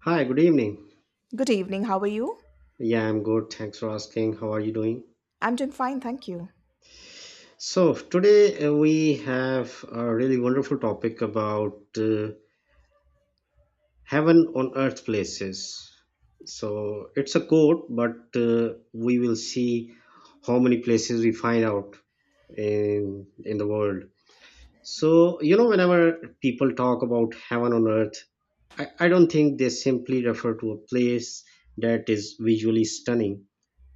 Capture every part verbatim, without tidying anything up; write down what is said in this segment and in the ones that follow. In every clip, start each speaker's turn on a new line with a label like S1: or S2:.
S1: Hi, good evening.
S2: Good evening, how are you?
S1: Yeah, I'm good. Thanks for asking. How are you doing?
S2: I'm doing fine, thank you.
S1: So, today uh, we have a really wonderful topic about uh, heaven on earth places. So, it's a quote, but uh, we will see how many places we find out in in the world. So, you know, whenever people talk about heaven on earth, I, I don't think they simply refer to a place that is visually stunning.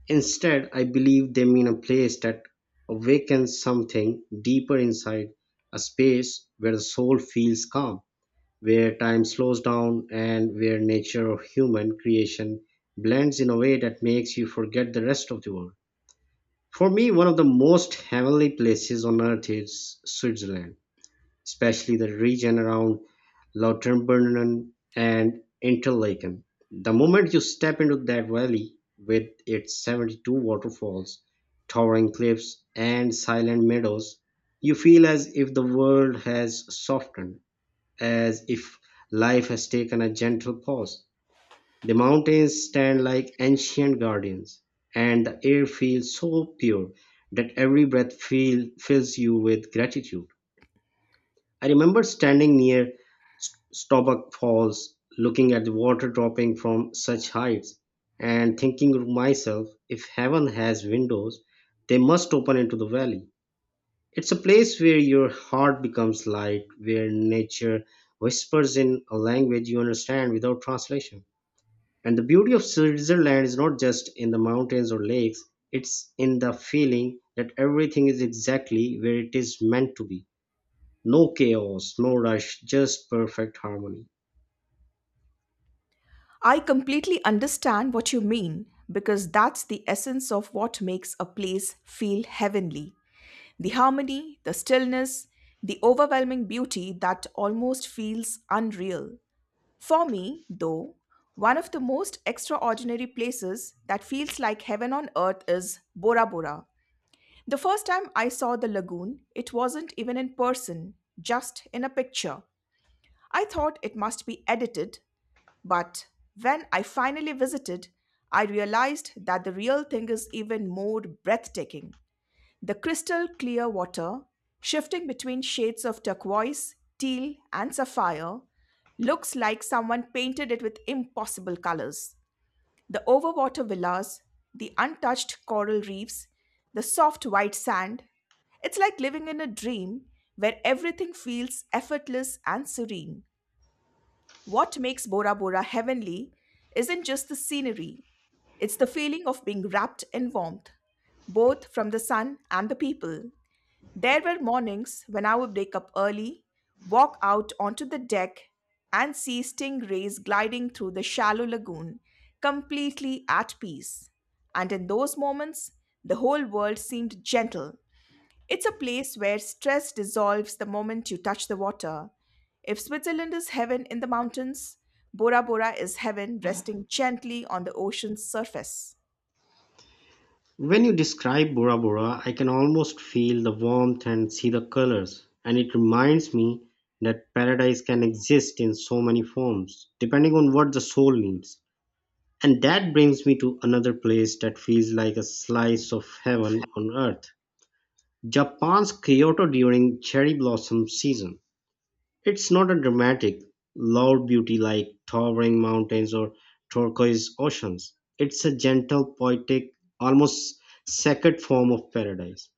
S1: Instead, I believe they mean a place that awakens something deeper inside, a space where the soul feels calm, where time slows down, and where nature or human creation blends in a way that makes you forget the rest of the world. For me, one of the most heavenly places on earth is Switzerland, especially the region around Lauterbrunnen and Interlaken. The moment you step into that valley with its seventy-two waterfalls, towering cliffs, and silent meadows, you feel as if the world has softened, as if life has taken a gentle pause. The mountains stand like ancient guardians, and the air feels so pure that every breath feel, fills you with gratitude. I remember standing near S- Staubach Falls, looking at the water dropping from such heights, and thinking to myself, if heaven has windows, they must open into the valley. It's a place where your heart becomes light, where nature whispers in a language you understand without translation. And the beauty of Switzerland is not just in the mountains or lakes, it's in the feeling that everything is exactly where it is meant to be. No chaos, no rush, just perfect harmony.
S2: I completely understand what you mean because that's the essence of what makes a place feel heavenly. The harmony, the stillness, the overwhelming beauty that almost feels unreal. For me, though, one of the most extraordinary places that feels like heaven on earth is Bora Bora. The first time I saw the lagoon, it wasn't even in person, just in a picture. I thought it must be edited, but when I finally visited, I realized that the real thing is even more breathtaking. The crystal clear water, shifting between shades of turquoise, teal, and sapphire, looks like someone painted it with impossible colors. The overwater villas, the untouched coral reefs, the soft white sand. It's like living in a dream where everything feels effortless and serene. What makes Bora Bora heavenly isn't just the scenery, it's the feeling of being wrapped in warmth, both from the sun and the people. There were mornings when I would wake up early, walk out onto the deck, and see stingrays gliding through the shallow lagoon, completely at peace. And in those moments, the whole world seemed gentle, it's a place where stress dissolves the moment you touch the water. If Switzerland is heaven in the mountains, Bora Bora is heaven resting gently on the ocean's surface.
S1: When you describe Bora Bora, I can almost feel the warmth and see the colors, and it reminds me that paradise can exist in so many forms, depending on what the soul needs. And that brings me to another place that feels like a slice of heaven on earth: Japan's Kyoto during cherry blossom season. It's not a dramatic, loud beauty like towering mountains or turquoise oceans. It's a gentle, poetic, almost sacred form of paradise.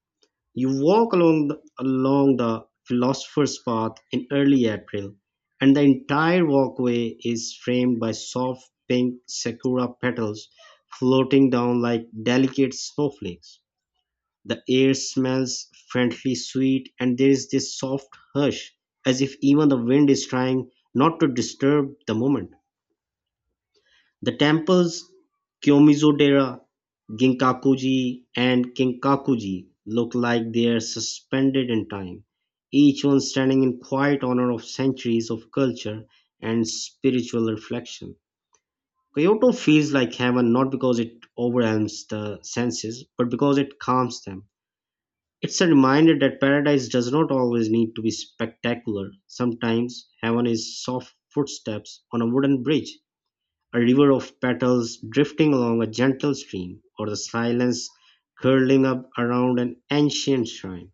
S1: You walk along the, along the philosopher's path in early April, and the entire walkway is framed by soft pink sakura petals floating down like delicate snowflakes. The air smells friendly, sweet, and there is this soft hush, as if even the wind is trying not to disturb the moment. The temples, Kyomizodera, Ginkakuji, and Kinkakuji, look like they are suspended in time, each one standing in quiet honor of centuries of culture and spiritual reflection. Kyoto feels like heaven not because it overwhelms the senses, but because it calms them. It's a reminder that paradise does not always need to be spectacular. Sometimes heaven is soft footsteps on a wooden bridge, a river of petals drifting along a gentle stream, or the silence curling up around an ancient shrine.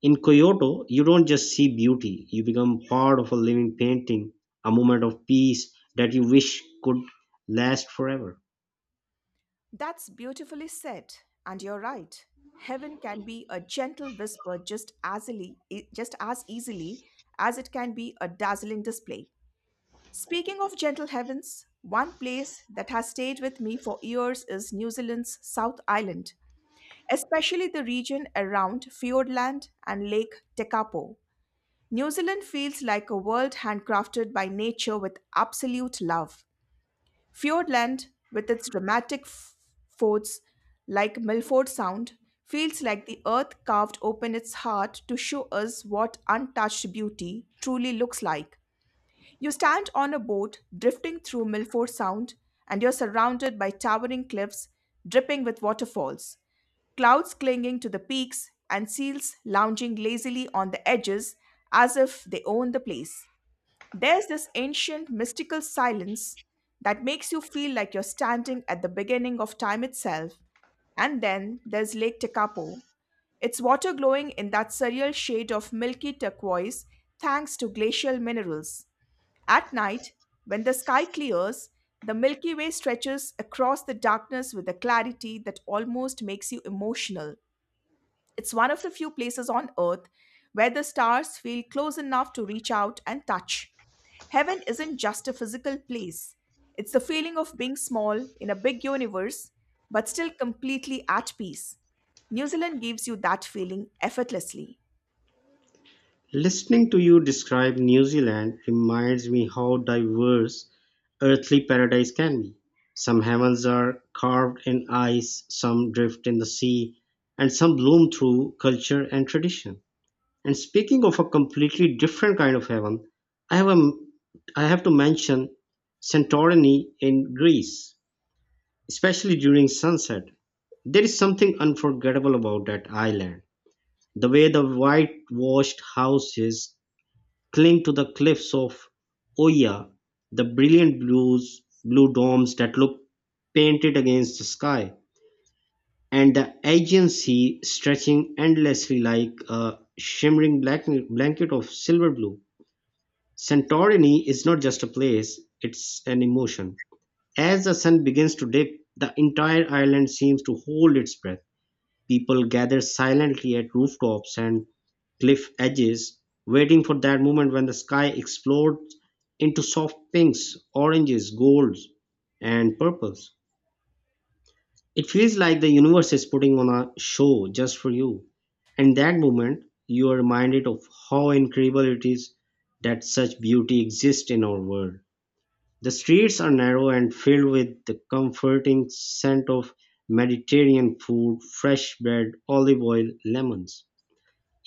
S1: In Kyoto, you don't just see beauty, you become part of a living painting, a moment of peace that you wish could last forever.
S2: That's beautifully said, and you're right. Heaven can be a gentle whisper just as, easily, just as easily as it can be a dazzling display. Speaking of gentle heavens, one place that has stayed with me for years is New Zealand's South Island, especially the region around Fiordland and Lake Tekapo. New Zealand feels like a world handcrafted by nature with absolute love. Fiordland, with its dramatic f- forts like Milford Sound, feels like the earth carved open its heart to show us what untouched beauty truly looks like. You stand on a boat drifting through Milford Sound, and you're surrounded by towering cliffs dripping with waterfalls, clouds clinging to the peaks, and seals lounging lazily on the edges as if they own the place. There's this ancient mystical silence that makes you feel like you're standing at the beginning of time itself. And then there's Lake Tekapo, its water glowing in that surreal shade of milky turquoise thanks to glacial minerals. At night, when the sky clears, the Milky Way stretches across the darkness with a clarity that almost makes you emotional. It's one of the few places on Earth where the stars feel close enough to reach out and touch. Heaven isn't just a physical place, it's the feeling of being small in a big universe, but still completely at peace. New Zealand gives you that feeling effortlessly.
S1: Listening to you describe New Zealand reminds me how diverse earthly paradise can be. Some heavens are carved in ice, some drift in the sea, and some bloom through culture and tradition. And speaking of a completely different kind of heaven, I have, a, I have to mention Santorini in Greece, especially during sunset. There is something unforgettable about that island. The way the white-washed houses cling to the cliffs of Oia, the brilliant blues, blue domes that look painted against the sky, and the Aegean Sea stretching endlessly like a shimmering black, blanket of silver blue. Santorini is not just a place, it's an emotion. As the sun begins to dip, the entire island seems to hold its breath. People gather silently at rooftops and cliff edges, waiting for that moment when the sky explodes into soft pinks, oranges, golds, and purples. It feels like the universe is putting on a show just for you. And that moment, you are reminded of how incredible it is that such beauty exists in our world. The streets are narrow and filled with the comforting scent of Mediterranean food, fresh bread, olive oil, lemons.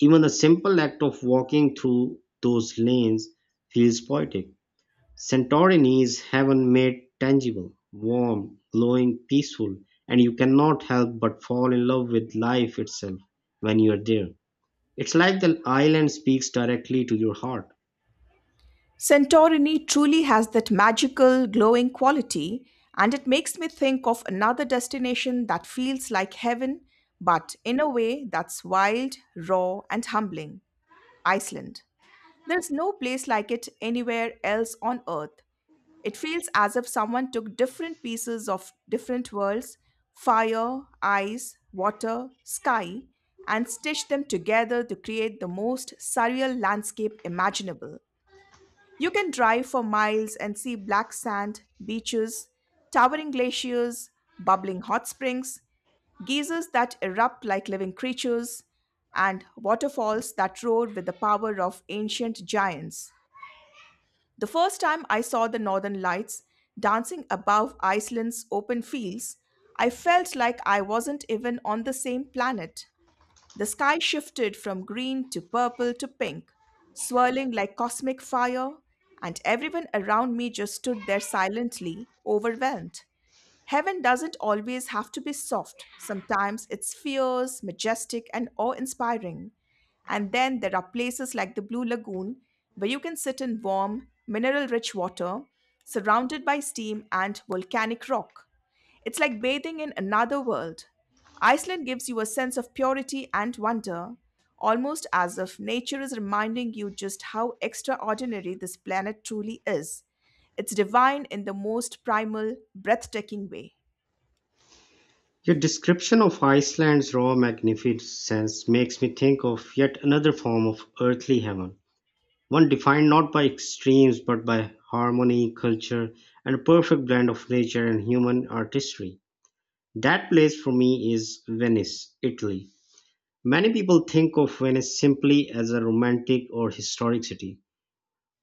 S1: Even the simple act of walking through those lanes feels poetic. Santorini is heaven made tangible, warm, glowing, peaceful, and you cannot help but fall in love with life itself when you are there. It's like the island speaks directly to your heart.
S2: Santorini truly has that magical, glowing quality, and it makes me think of another destination that feels like heaven, but in a way that's wild, raw, and humbling Iceland. There's no place like it anywhere else on earth. It feels as if someone took different pieces of different worlds fire, ice, water, sky and stitched them together to create the most surreal landscape imaginable. You can drive for miles and see black sand, beaches, towering glaciers, bubbling hot springs, geysers that erupt like living creatures, and waterfalls that roar with the power of ancient giants. The first time I saw the northern lights dancing above Iceland's open fields, I felt like I wasn't even on the same planet. The sky shifted from green to purple to pink, swirling like cosmic fire, and everyone around me just stood there silently, overwhelmed. Heaven doesn't always have to be soft. Sometimes it's fierce, majestic, and awe inspiring. And then there are places like the Blue Lagoon where you can sit in warm, mineral rich water surrounded by steam and volcanic rock. It's like bathing in another world. Iceland gives you a sense of purity and wonder, almost as if nature is reminding you just how extraordinary this planet truly is. It's divine in the most primal, breathtaking way.
S1: Your description of Iceland's raw magnificence makes me think of yet another form of earthly heaven, one defined not by extremes but by harmony, culture, and a perfect blend of nature and human artistry. That place for me is Venice, Italy. Many people think of Venice simply as a romantic or historic city,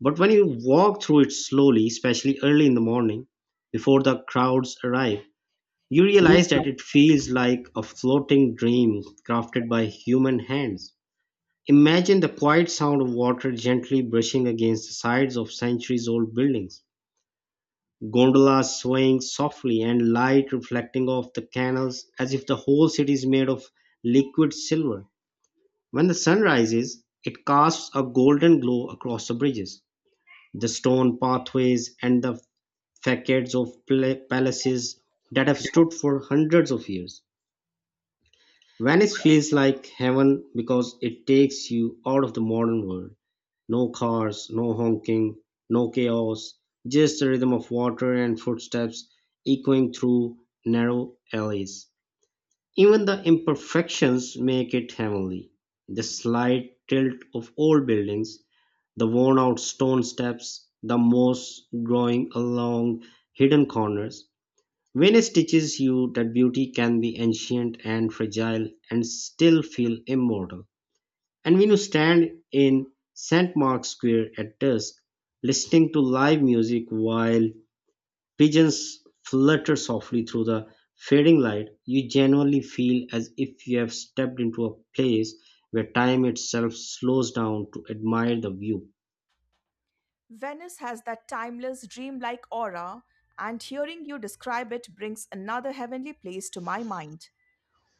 S1: but when you walk through it slowly, especially early in the morning, before the crowds arrive, you realize that it feels like a floating dream crafted by human hands. Imagine the quiet sound of water gently brushing against the sides of centuries old buildings, gondolas swaying softly, and light reflecting off the canals as if the whole city is made of liquid silver. When the sun rises, it casts a golden glow across the bridges, the stone pathways, and the facades of pla- palaces that have stood for hundreds of years. Venice feels like heaven because it takes you out of the modern world. No cars, no honking, no chaos, just the rhythm of water and footsteps echoing through narrow alleys. Even the imperfections make it heavenly. The slight tilt of old buildings, the worn out stone steps, the moss growing along hidden corners, Venus teaches you that beauty can be ancient and fragile and still feel immortal. And when you stand in Saint Mark's Square at dusk, listening to live music while pigeons flutter softly through the fading light, you genuinely feel as if you have stepped into a place where time itself slows down to admire the view.
S2: Venice has that timeless, dreamlike aura, and hearing you describe it brings another heavenly place to my mind,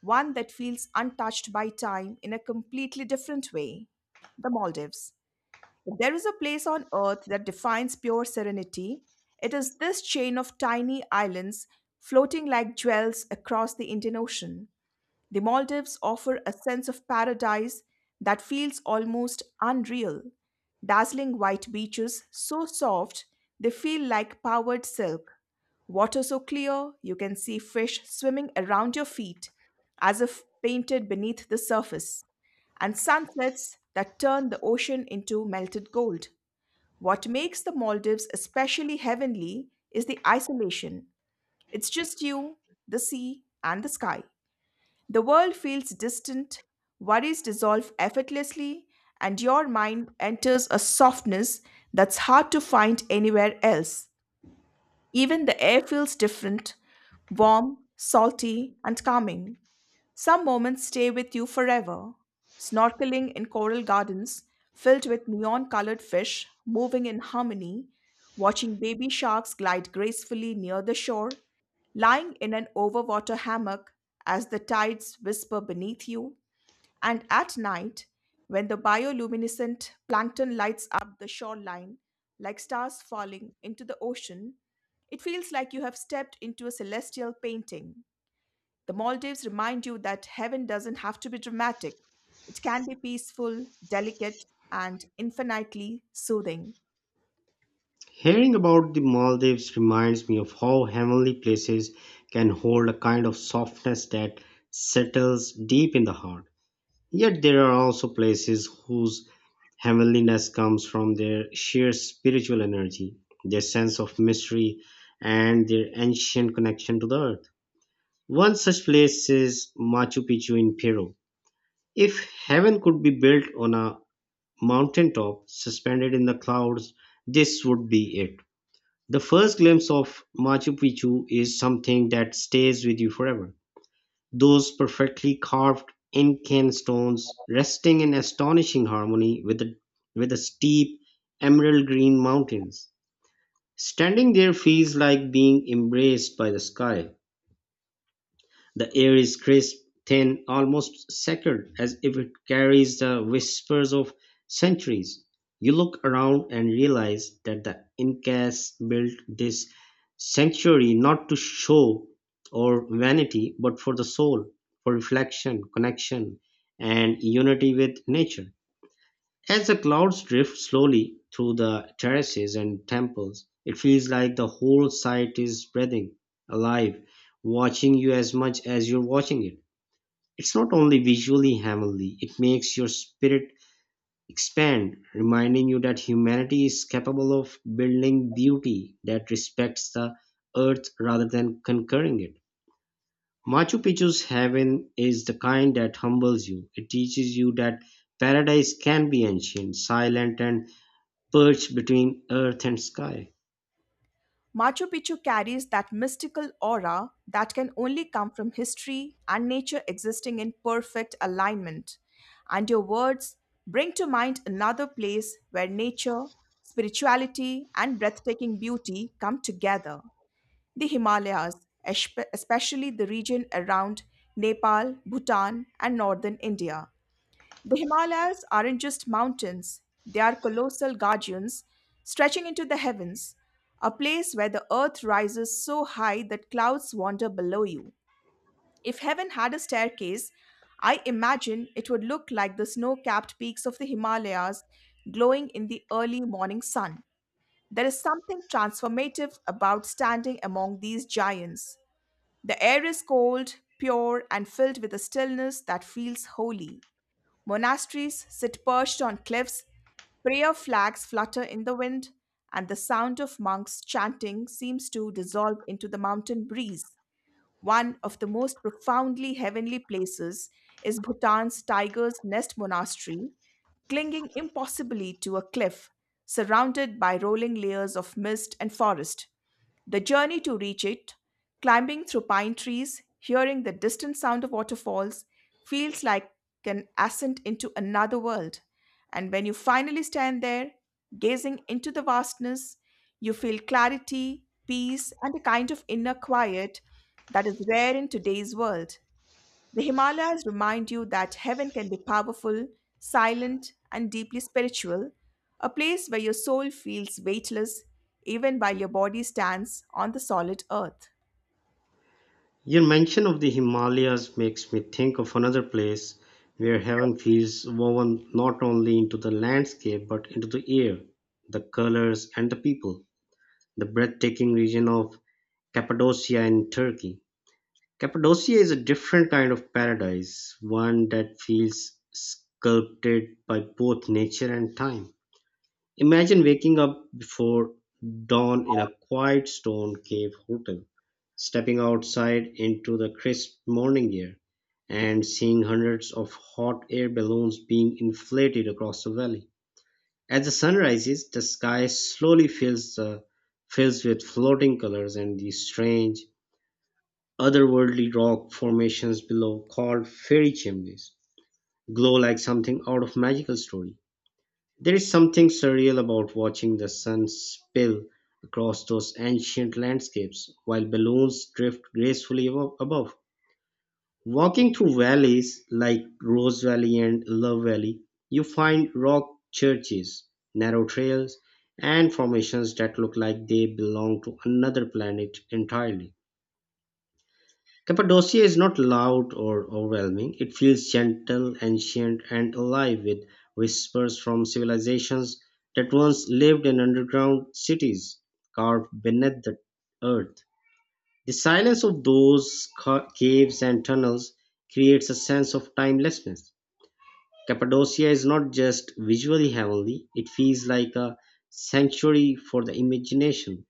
S2: one that feels untouched by time in a completely different way. The Maldives. If there is a place on earth that defines pure serenity, it is this chain of tiny islands floating like jewels across the Indian Ocean. The Maldives offer a sense of paradise that feels almost unreal. Dazzling white beaches, so soft they feel like powdered silk. Water so clear you can see fish swimming around your feet as if painted beneath the surface. And sunsets that turn the ocean into melted gold. What makes the Maldives especially heavenly is the isolation. It's just you, the sea, and the sky. The world feels distant, worries dissolve effortlessly, and your mind enters a softness that's hard to find anywhere else. Even the air feels different warm, salty, and calming. Some moments stay with you forever. Snorkeling in coral gardens filled with neon colored fish moving in harmony, watching baby sharks glide gracefully near the shore, lying in an overwater hammock as the tides whisper beneath you, and at night, when the bioluminescent plankton lights up the shoreline like stars falling into the ocean, it feels like you have stepped into a celestial painting. The Maldives remind you that heaven doesn't have to be dramatic, it can be peaceful, delicate, and infinitely soothing.
S1: Hearing about the Maldives reminds me of how heavenly places can hold a kind of softness that settles deep in the heart. Yet there are also places whose heavenliness comes from their sheer spiritual energy, their sense of mystery, and their ancient connection to the earth. One such place is Machu Picchu in Peru. If heaven could be built on a mountaintop suspended in the clouds, this would be it. The first glimpse of Machu Picchu is something that stays with you forever. Those perfectly carved Incan stones resting in astonishing harmony with the, with the steep emerald green mountains. Standing there feels like being embraced by the sky. The air is crisp, thin, almost sacred, as if it carries the whispers of centuries. You look around and realize that the Incas built this sanctuary not to show or vanity, but for the soul, for reflection, connection, and unity with nature. As the clouds drift slowly through the terraces and temples, it feels like the whole site is breathing, alive, watching you as much as you're watching it. It's not only visually heavenly, it makes your spirit expand, reminding you that humanity is capable of building beauty that respects the earth rather than conquering it. Machu Picchu's heaven is the kind that humbles you. It teaches you that paradise can be ancient, silent, and perched between earth and sky.
S2: Machu Picchu carries that mystical aura that can only come from history and nature existing in perfect alignment. And your words bring to mind another place where nature, spirituality, and breathtaking beauty come together. The Himalayas, espe- especially the region around Nepal, Bhutan, and northern India. The Himalayas aren't just mountains, they are colossal guardians stretching into the heavens, a place where the earth rises so high that clouds wander below you. If heaven had a staircase, I imagine it would look like the snow capped peaks of the Himalayas glowing in the early morning sun. There is something transformative about standing among these giants, the air is cold, pure, and filled with a stillness that feels holy. Monasteries sit perched on cliffs, prayer flags flutter in the wind, and the sound of monks chanting seems to dissolve into the mountain breeze. One of the most profoundly heavenly places is Bhutan's Tiger's Nest Monastery, clinging impossibly to a cliff, surrounded by rolling layers of mist and forest. The journey to reach it, climbing through pine trees, hearing the distant sound of waterfalls, feels like an ascent into another world. And when you finally stand there, gazing into the vastness, you feel clarity, peace, and a kind of inner quiet that is rare in today's world. The Himalayas remind you that heaven can be powerful, silent, and deeply spiritual, a place where your soul feels weightless even while your body stands on the solid earth.
S1: Your mention of the Himalayas makes me think of another place where heaven feels woven not only into the landscape but into the air, the colors, and the people. The breathtaking region of Cappadocia in Turkey. Cappadocia is a different kind of paradise, one that feels sculpted by both nature and time. Imagine waking up before dawn in a quiet stone cave hotel, stepping outside into the crisp morning air, and seeing hundreds of hot air balloons being inflated across the valley. As the sun rises, the sky slowly fills the fills with floating colors, and the strange, otherworldly rock formations below called fairy chimneys glow like something out of magical story. There is something surreal about watching the sun spill across those ancient landscapes while balloons drift gracefully abo- above. Walking through valleys like Rose Valley and Love Valley, you find rock churches, narrow trails, and formations that look like they belong to another planet entirely. Cappadocia is not loud or overwhelming. It feels gentle, ancient, and alive with whispers from civilizations that once lived in underground cities carved beneath the earth. The silence of those ca- caves and tunnels creates a sense of timelessness. Cappadocia is not just visually heavenly, it feels like a sanctuary for the imagination,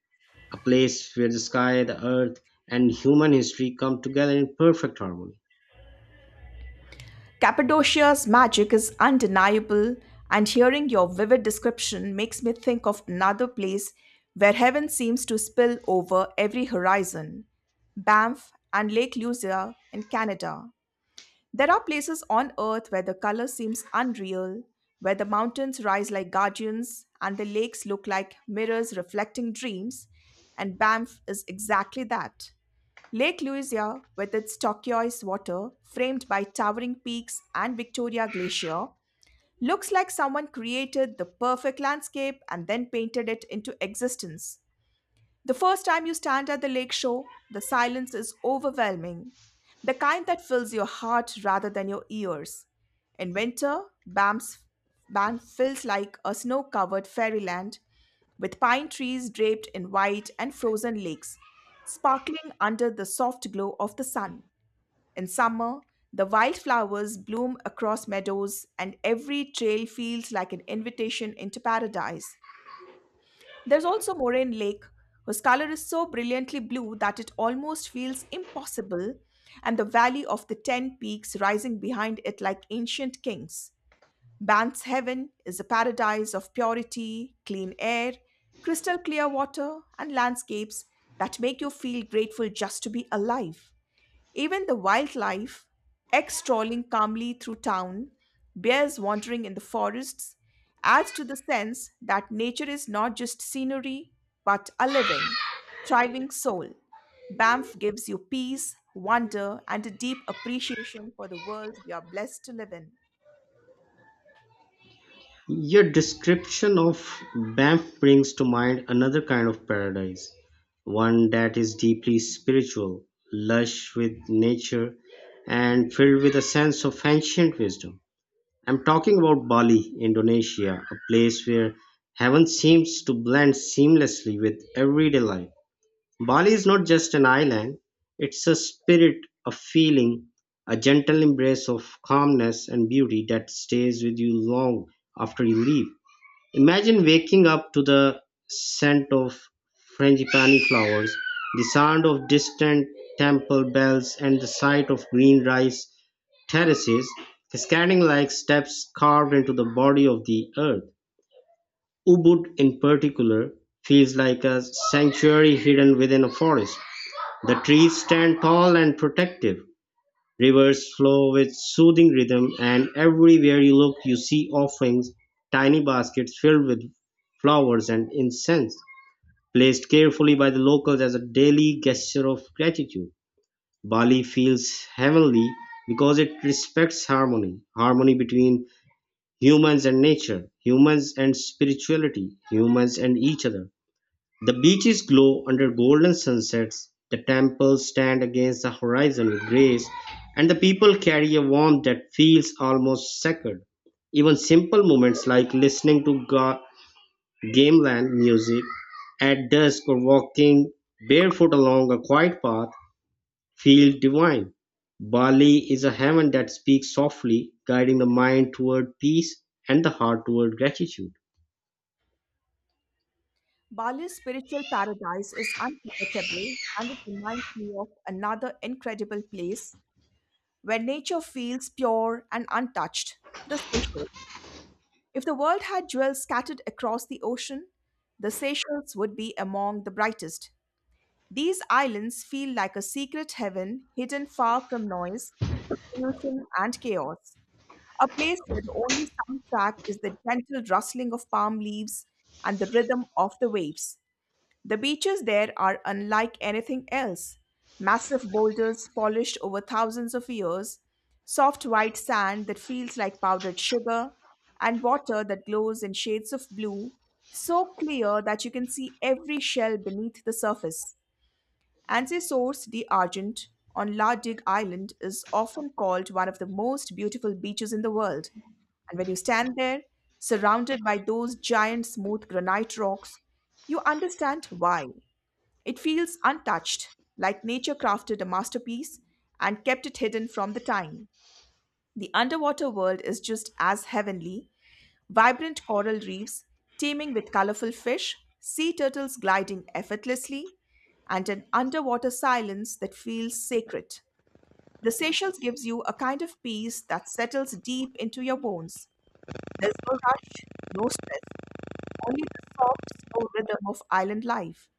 S1: a place where the sky, the earth, and human history come together in perfect harmony.
S2: Cappadocia's magic is undeniable, and hearing your vivid description makes me think of another place where heaven seems to spill over every horizon Banff and Lake Louisa in Canada. There are places on earth where the color seems unreal, where the mountains rise like guardians and the lakes look like mirrors reflecting dreams, and Banff is exactly that. Lake Louisa, with its turquoise water framed by towering peaks and Victoria Glacier, looks like someone created the perfect landscape and then painted it into existence. The first time you stand at the lake shore, the silence is overwhelming, the kind that fills your heart rather than your ears. In winter, Banff's, Banff feels like a snow covered fairyland with pine trees draped in white and frozen lakes, sparkling under the soft glow of the sun. In summer, the wildflowers bloom across meadows, and every trail feels like an invitation into paradise. There's also Moraine Lake, whose color is so brilliantly blue that it almost feels impossible, and the valley of the ten peaks rising behind it like ancient kings. Banff's Heaven is a paradise of purity, clean air, crystal clear water, and landscapes that make you feel grateful just to be alive. Even the wildlife, X strolling calmly through town, bears wandering in the forests, adds to the sense that nature is not just scenery, but a living, thriving soul. Banff gives you peace, wonder, and a deep appreciation for the world we are blessed to live in.
S1: Your description of Banff brings to mind another kind of paradise, one that is deeply spiritual, lush with nature, and filled with a sense of ancient wisdom. I'm talking about Bali, Indonesia, a place where heaven seems to blend seamlessly with everyday life. Bali is not just an island, it's a spirit, a feeling, a gentle embrace of calmness and beauty that stays with you long after you leave. Imagine waking up to the scent of frangipani flowers, the sound of distant temple bells, and the sight of green rice terraces cascading like steps carved into the body of the earth. Ubud, in particular, feels like a sanctuary hidden within a forest. The trees stand tall and protective, rivers flow with soothing rhythm, and everywhere you look, you see offerings, tiny baskets filled with flowers and incense, placed carefully by the locals as a daily gesture of gratitude. Bali feels heavenly because it respects harmony, harmony between humans and nature, humans and spirituality, humans and each other. The beaches glow under golden sunsets, the temples stand against the horizon with grace, and the people carry a warmth that feels almost sacred. Even simple moments like listening to ga- gamelan music at dusk or walking barefoot along a quiet path feel divine. Bali is a heaven that speaks softly, guiding the mind toward peace and the heart toward gratitude.
S2: Bali's spiritual paradise is unforgettable and it reminds me of another incredible place where nature feels pure and untouched, the Seychelles. If the world had jewels scattered across the ocean, the Seychelles would be among the brightest. These islands feel like a secret heaven hidden far from noise, pollution, and chaos. A place where the only soundtrack is the gentle rustling of palm leaves and the rhythm of the waves. The beaches there are unlike anything else massive boulders polished over thousands of years, soft white sand that feels like powdered sugar, and water that glows in shades of blue, so clear that you can see every shell beneath the surface. Ansesource d'Argent on La Digue Island is often called one of the most beautiful beaches in the world. And when you stand there, surrounded by those giant smooth granite rocks, you understand why. It feels untouched, like nature crafted a masterpiece and kept it hidden from the time. The underwater world is just as heavenly vibrant coral reefs teeming with colorful fish, sea turtles gliding effortlessly, and an underwater silence that feels sacred. The Seychelles gives you a kind of peace that settles deep into your bones. There's no rush, no stress, only the soft, slow rhythm of island life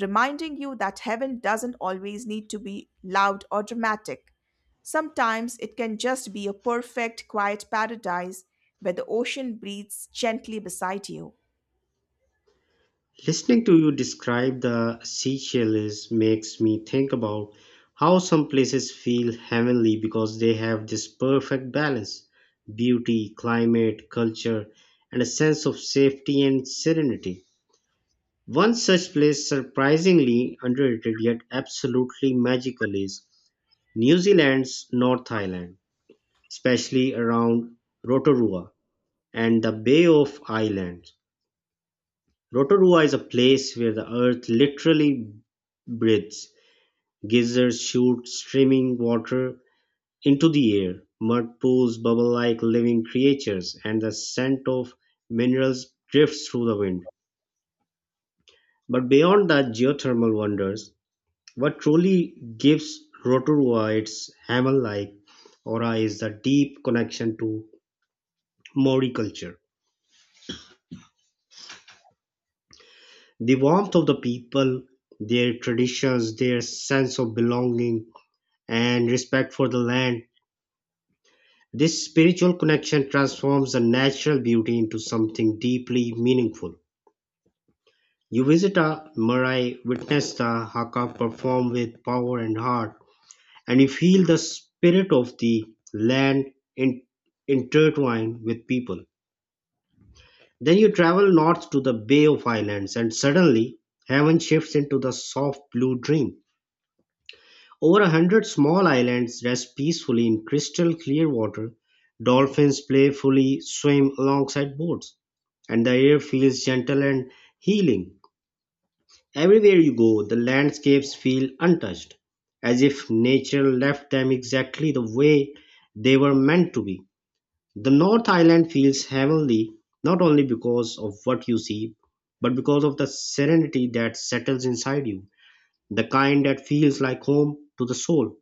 S2: reminding you that heaven doesn't always need to be loud or dramatic. Sometimes it can just be a perfect, quiet paradise where the ocean breathes gently beside you.
S1: Listening to you describe the Seychelles makes me think about how some places feel heavenly because they have this perfect balance beauty, climate, culture, and a sense of safety and serenity. One such place, surprisingly underrated yet absolutely magical, is New Zealand's North Island, especially around Rotorua and the Bay of Islands. Rotorua is a place where the earth literally breathes. Geysers shoot streaming water into the air, mud pools bubble like living creatures, and the scent of minerals drifts through the wind. But beyond the geothermal wonders, what truly gives Rotorua its hamel like aura is the deep connection to Maori culture. The warmth of the people, their traditions, their sense of belonging, and respect for the land. This spiritual connection transforms the natural beauty into something deeply meaningful. You visit a marae, witness the haka performed with power and heart, and you feel the spirit of the land in, intertwined with people. Then you travel north to the Bay of Islands, and suddenly heaven shifts into the soft blue dream. Over a hundred small islands rest peacefully in crystal clear water. Dolphins playfully swim alongside boats, and the air feels gentle and healing. Everywhere you go, the landscapes feel untouched, as if nature left them exactly the way they were meant to be. The North Island feels heavenly not only because of what you see, but because of the serenity that settles inside you, the kind that feels like home to the soul.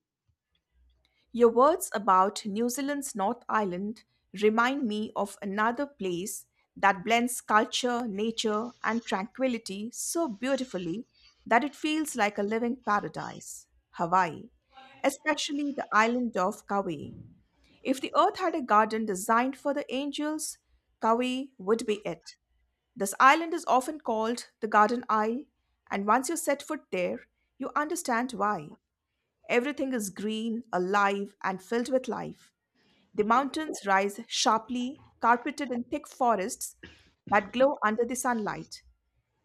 S2: Your words about New Zealand's North Island remind me of another place that blends culture, nature, and tranquility so beautifully that it feels like a living paradise Hawaii, especially the island of Kauai. If the earth had a garden designed for the angels, Kauai would be it. This island is often called the Garden Isle, and once you set foot there, you understand why. Everything is green, alive, and filled with life. The mountains rise sharply, carpeted in thick forests that glow under the sunlight.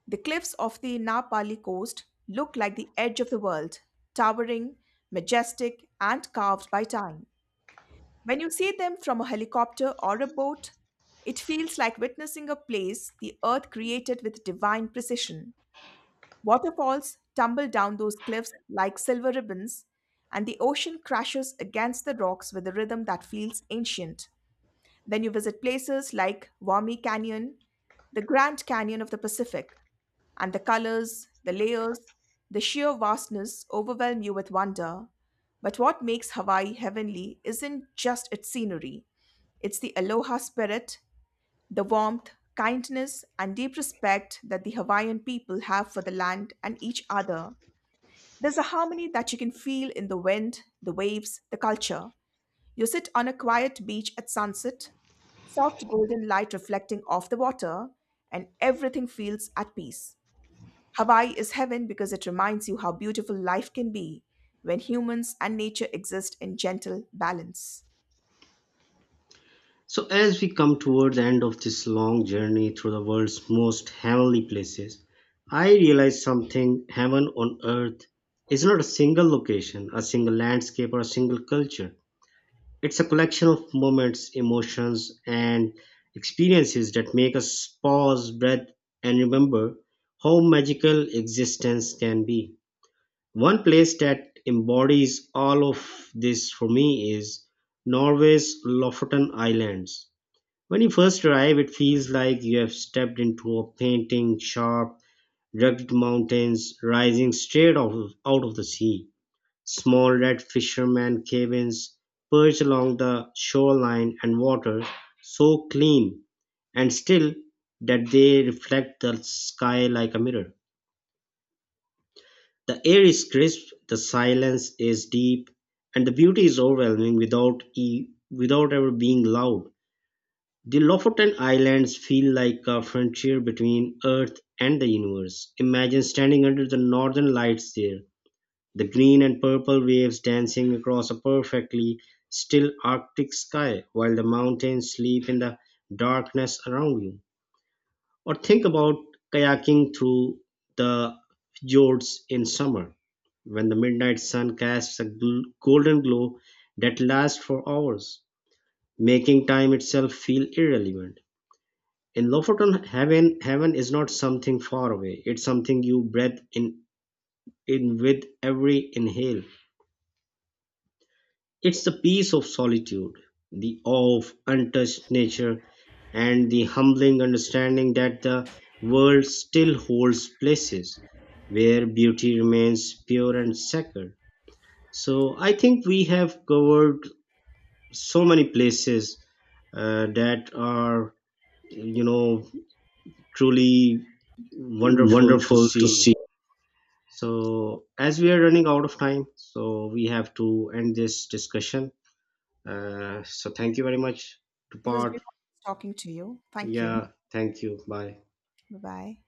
S2: The cliffs of the Napali coast look like the edge of the world, towering, majestic, and carved by time. When you see them from a helicopter or a boat, it feels like witnessing a place the earth created with divine precision. Waterfalls tumble down those cliffs like silver ribbons, and the ocean crashes against the rocks with a rhythm that feels ancient. Then you visit places like Wami Canyon, the Grand Canyon of the Pacific, and the colors, the layers, the sheer vastness overwhelm you with wonder. But what makes Hawaii heavenly isn't just its scenery, it's the aloha spirit, the warmth, kindness, and deep respect that the Hawaiian people have for the land and each other. There's a harmony that you can feel in the wind, the waves, the culture. You sit on a quiet beach at sunset, soft golden light reflecting off the water, and everything feels at peace. Hawaii is heaven because it reminds you how beautiful life can be when humans and nature exist in gentle balance.
S1: So, as we come toward the end of this long journey through the world's most heavenly places, I realized something. Heaven on earth is not a single location, a single landscape, or a single culture. It's a collection of moments, emotions, and experiences that make us pause, breathe, and remember how magical existence can be. One place that embodies all of this for me is Norway's Lofoten Islands. When you first arrive, it feels like you have stepped into a painting, sharp, rugged mountains rising straight out of, out of the sea. Small red fishermen cabins perched along the shoreline and water so clean and still that they reflect the sky like a mirror. The air is crisp, the silence is deep, and the beauty is overwhelming without, e- without ever being loud. The Lofoten Islands feel like a frontier between Earth and the universe. Imagine standing under the northern lights there, the green and purple waves dancing across a perfectly still Arctic sky while the mountains sleep in the darkness around you. Or think about kayaking through the fjords in summer, when the midnight sun casts a gl- golden glow that lasts for hours, making time itself feel irrelevant. In Lofoten, heaven heaven is not something far away. It's something you breathe in in with every inhale. It's the peace of solitude, the awe of untouched nature, and the humbling understanding that the world still holds places where beauty remains pure and sacred. So I think we have covered so many places uh, that are, you know, truly wonderful to
S2: Wonderful to
S1: see.
S2: see.
S1: So, as we are running out of time, so we have to end this discussion. Uh, so, thank you very much to
S2: It was
S1: part.
S2: really nice talking to you. Thank you.
S1: Yeah, thank you. Bye.
S2: Bye bye.